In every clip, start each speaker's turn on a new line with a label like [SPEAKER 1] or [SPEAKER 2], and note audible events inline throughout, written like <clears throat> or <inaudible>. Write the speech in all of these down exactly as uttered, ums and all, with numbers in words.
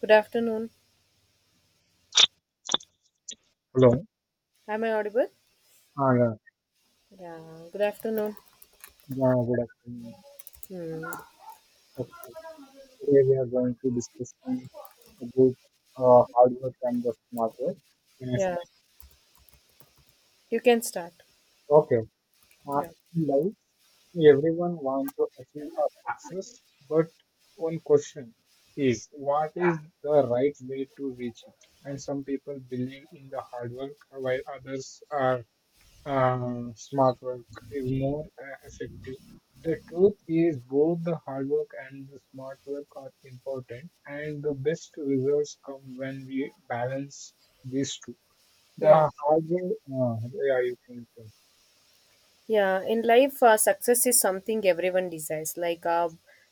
[SPEAKER 1] Good afternoon.
[SPEAKER 2] Hello.
[SPEAKER 1] Am I audible?
[SPEAKER 2] Ah, yeah.
[SPEAKER 1] Yeah. Good afternoon.
[SPEAKER 2] Yeah, good afternoon.
[SPEAKER 1] Hmm.
[SPEAKER 2] Okay. Today we are going to discussing about uh, hard work and the smart work. Yes.
[SPEAKER 1] Yeah. You can start.
[SPEAKER 2] Okay. Uh,
[SPEAKER 1] Yeah.
[SPEAKER 2] in life, everyone wants to achieve a success, but one question is what is the right way to reach it? And some people believe in the hard work while others are uh, smart work is more uh, effective. The truth is, both the hard work and the smart work are important, and the best results come when we balance these two. The
[SPEAKER 1] Yeah.
[SPEAKER 2] hard work, uh, yeah, you can, say,
[SPEAKER 1] Yeah, in life, uh, success is something everyone desires. Like, uh,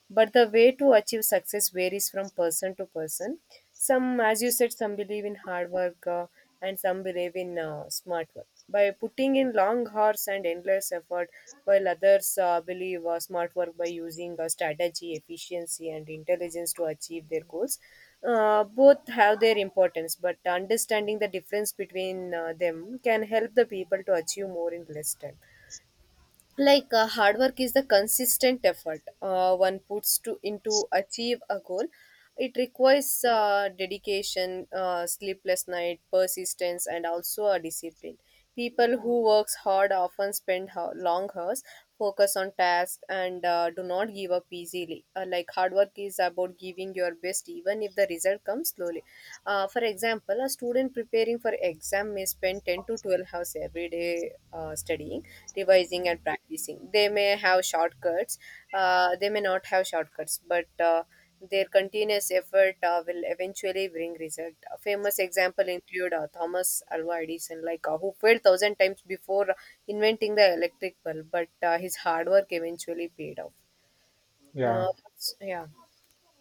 [SPEAKER 1] But the way to achieve success varies from person to person. Some, as you said, some believe in hard work, uh, and some believe in uh, smart work. By putting in long hours and endless effort, while others uh, believe uh, smart work by using uh, strategy, efficiency, and intelligence to achieve their goals. Uh, both have their importance, but understanding the difference between uh, them can help the people to achieve more in less time like uh, hard work is the consistent effort uh, one puts to into achieve a goal. It requires uh, dedication, uh, sleepless night, persistence, and also a discipline. People who works hard often spend ho- long hours, focus on tasks, and uh, do not give up easily. Uh, like, hard work is about giving your best even if the result comes slowly. Uh, for example, a student preparing for exam may spend ten to twelve hours every day uh, studying, revising, and practicing. They may have shortcuts uh, they may not have shortcuts, but uh, their continuous effort uh, will eventually bring result. A famous example include uh, Thomas Alva Edison, like uh, who failed thousand times before inventing the electric bulb, but uh, his hard work eventually paid off.
[SPEAKER 2] yeah.
[SPEAKER 1] Uh, it's- yeah,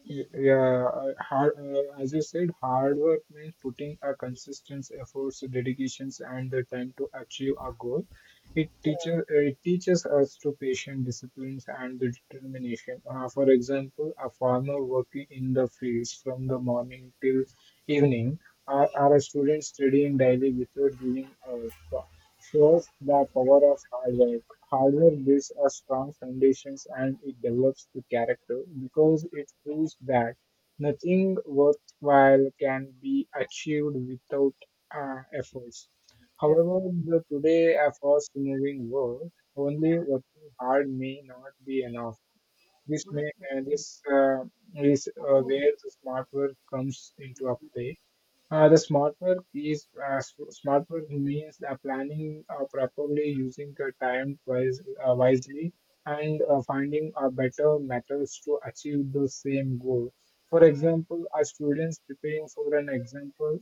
[SPEAKER 2] Y- Yeah, uh, hard, uh, as you said, hard work means putting a consistent efforts, dedications, and the time to achieve a goal. It
[SPEAKER 1] yeah,
[SPEAKER 2] teaches uh, it teaches us to patient disciplines and the determination. Uh, for example, a farmer working in the fields from the morning till evening, or, or a student studying daily without giving up, shows the power of hard work. Hardware builds a strong foundation and it develops the character because it proves that nothing worthwhile can be achieved without uh, efforts. However,
[SPEAKER 1] definitely.
[SPEAKER 2] the today a fast-moving world, only working hard may not be enough. This may uh, this uh, is uh, where the smart work comes into a play. Uh, the smart work is uh, s- Smart work means uh, planning uh, properly, using the time wise, uh, wisely, and uh, finding uh, better methods to achieve the same goal. For example, a students preparing for an example,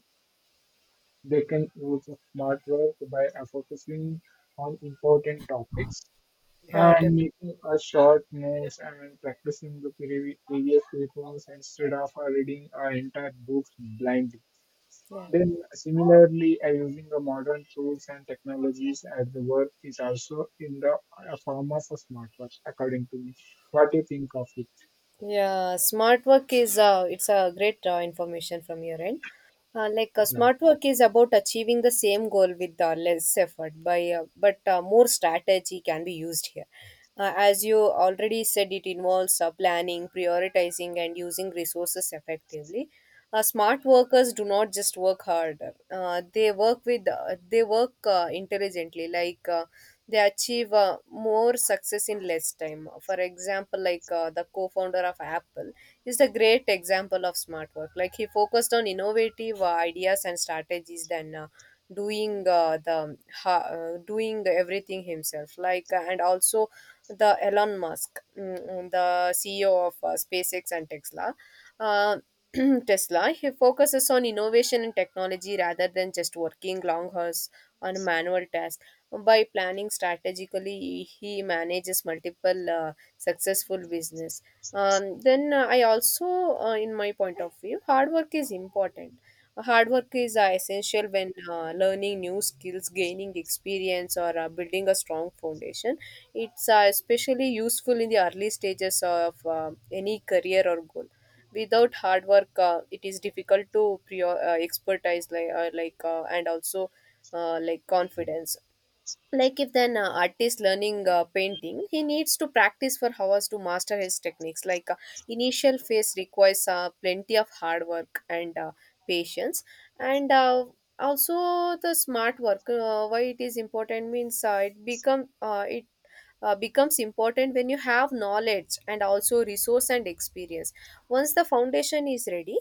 [SPEAKER 2] they can use smart work by uh, focusing on important topics
[SPEAKER 1] Yeah,
[SPEAKER 2] and
[SPEAKER 1] def-
[SPEAKER 2] making a short notes and practicing the previ- previous reforms instead of uh, reading uh, entire books blindly.
[SPEAKER 1] yeah.
[SPEAKER 2] Then, similarly, uh, using the modern tools and technologies at the work is also in the a form of a smart work, according to me. What do you think of it?
[SPEAKER 1] Yeah, smart work is uh, it's a great uh, information from your end. Uh, like uh,
[SPEAKER 2] Yeah.
[SPEAKER 1] smart work is about achieving the same goal with uh, less effort by uh, but uh, more strategy can be used here. Uh, as you already said, it involves uh, planning, prioritizing, and using resources effectively. Uh, smart workers do not just work harder; uh, they work with uh, they work uh, intelligently, like. Uh, they achieve uh, more success in less time. For example, like uh, the co-founder of Apple is the great example of smart work. Like, he focused on innovative uh, ideas and strategies than uh, doing uh, the ha- uh, doing everything himself. Like uh, and also, the Elon Musk, mm, mm, the CEO of uh, SpaceX and Tesla. uh, <clears throat> Tesla, he focuses on innovation and technology rather than just working long hours on a manual tasks. By planning strategically, he manages multiple uh, successful business. Um, then uh, I also, uh, in my point of view, hard work is important. Hard work is uh, essential when uh, learning new skills, gaining experience, or uh, building a strong foundation. It's uh, especially useful in the early stages of uh, any career or goal. Without hard work, uh, it is difficult to pre- uh, expertise, like, uh, like uh, and also uh, like confidence. Like, if an uh, artist learning uh, painting, he needs to practice for hours to master his techniques. Like uh, initial phase requires uh, plenty of hard work and uh, patience, and uh, also the smart work. Uh, why it is important means uh, it become uh, it uh, becomes important when you have knowledge and also resource and experience. Once the foundation is ready,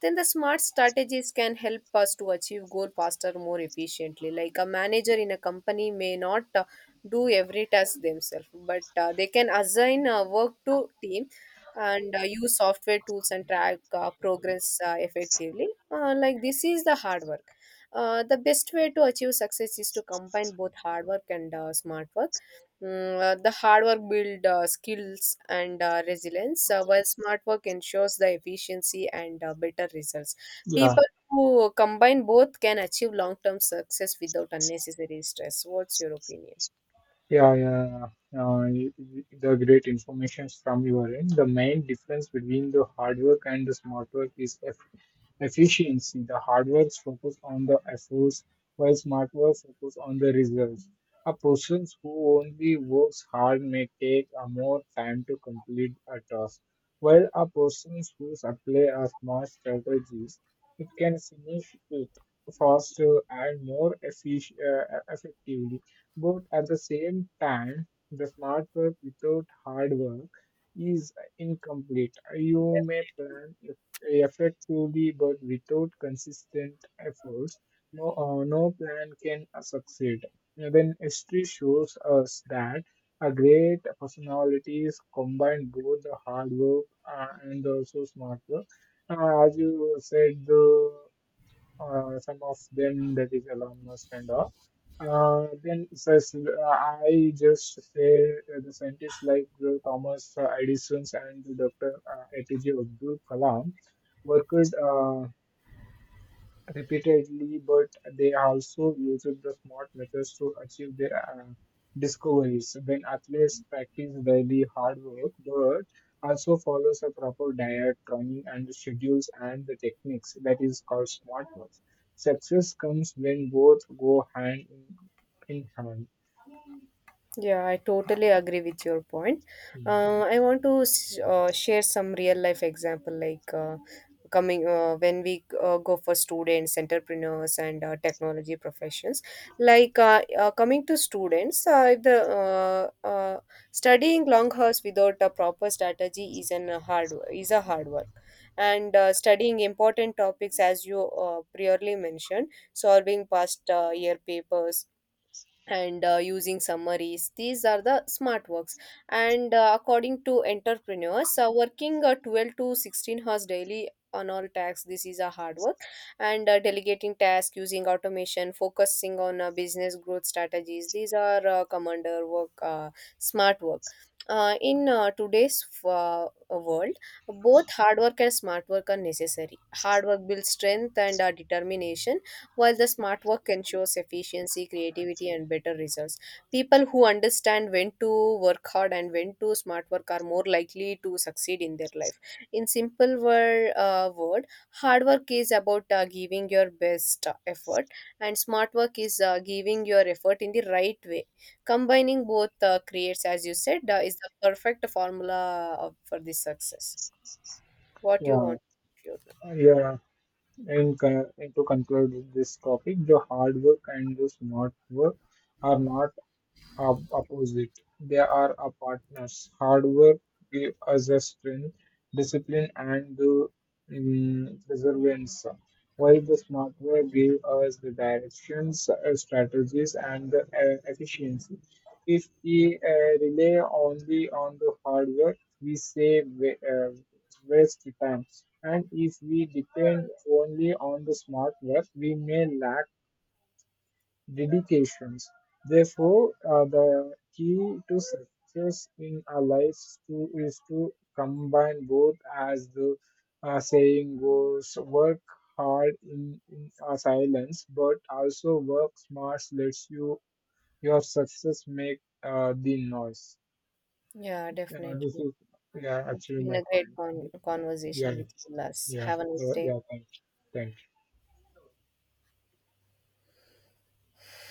[SPEAKER 1] then the smart strategies can help us to achieve goal faster, more efficiently. Like a manager in a company may not uh, do every task themselves, but uh, they can assign uh, work to team and uh, use software tools and track uh, progress uh, effectively. Uh, like this is the hard work. Uh, the best way to achieve success is to combine both hard work and uh, smart work. Mm, uh, the hard work build uh, skills and uh, resilience, uh, while smart work ensures the efficiency and uh, better results.
[SPEAKER 2] Yeah.
[SPEAKER 1] People who combine both can achieve long term success without unnecessary stress. What's your opinion?
[SPEAKER 2] Yeah, yeah, yeah. Uh, y- y- the great information from your end. The main difference between the hard work and the smart work is eff efficiency. The hard work focus on the efforts, while smart work focus on the results. A person who only works hard may take a more time to complete a task, while a person who apply a smart strategies, it can finish it faster and more effic- uh, effectively. But at the same time, the smart work without hard work is incomplete. You may plan effectively, but without consistent efforts, no, uh, no plan can uh, succeed. Even history shows us that a great personalities combine both the hard work uh, and also smart work. Uh, as you said, the uh, some of them that is Elon Musk and all. Uh, then so, s- I just say uh, the scientists like the Thomas Edison and the doctor Uh, A P J Abdul Kalam worked. Uh, repeatedly, but they also used the smart methods to achieve their uh, discoveries. When athletes practice daily hard work, but also follows a proper diet, training, and the schedules and the techniques that is called smart work. Success comes when both go hand in, in hand.
[SPEAKER 1] Yeah, I totally agree with your point.
[SPEAKER 2] Hmm.
[SPEAKER 1] Uh, I want to s- uh, share some real life example. Like uh, coming uh, when we uh, go for students, entrepreneurs, and uh, technology professions. Like uh, uh, coming to students, uh, if the uh, uh, studying long hours without a proper strategy is an uh, hard is a hard work. And uh, studying important topics, as you uh, priorly mentioned, solving past uh, year papers, and uh, using summaries, these are the smart works. And uh, according to entrepreneurs, uh, working uh, twelve to sixteen hours daily on all tasks, this is a hard work. And uh, delegating tasks, using automation, focusing on uh, business growth strategies, these are uh, commander work uh, smart work. Uh, in uh, today's uh, world, both hard work and smart work are necessary. Hard work builds strength and uh, determination, while the smart work ensures efficiency, creativity, and better results. People who understand when to work hard and when to smart work are more likely to succeed in their life. In simple word, uh, word, hard work is about uh, giving your best uh, effort, and smart work is uh, giving your effort in the right way. Combining both uh, creates, as you said, uh, is the perfect formula uh, for this success. What you
[SPEAKER 2] Yeah,
[SPEAKER 1] want to do?
[SPEAKER 2] yeah. And, con- and to conclude with this topic, the hard work and the smart work are not have opposite. They are our partners. Hard work gives us a strength, discipline, and the um, perseverance, while the smart work gives us the directions, uh, strategies, and the uh, efficiency. If we uh, rely only on the hard work, we save wa- uh, waste time. And if we depend only on the smart work, we may lack dedications. Therefore, uh, the key to success in our lives to, is to combine both, as the uh, saying goes, work hard in, in uh, silence, but also work smart, lets you your success make uh, the noise.
[SPEAKER 1] Yeah,
[SPEAKER 2] Yeah, this
[SPEAKER 1] definitely.
[SPEAKER 2] is yeah,
[SPEAKER 1] It's
[SPEAKER 2] actually
[SPEAKER 1] been
[SPEAKER 2] my
[SPEAKER 1] a great
[SPEAKER 2] point.
[SPEAKER 1] con- conversation
[SPEAKER 2] Yeah,
[SPEAKER 1] with you, Lars.
[SPEAKER 2] yeah,
[SPEAKER 1] Have a nice day.
[SPEAKER 2] yeah. Thank, thank.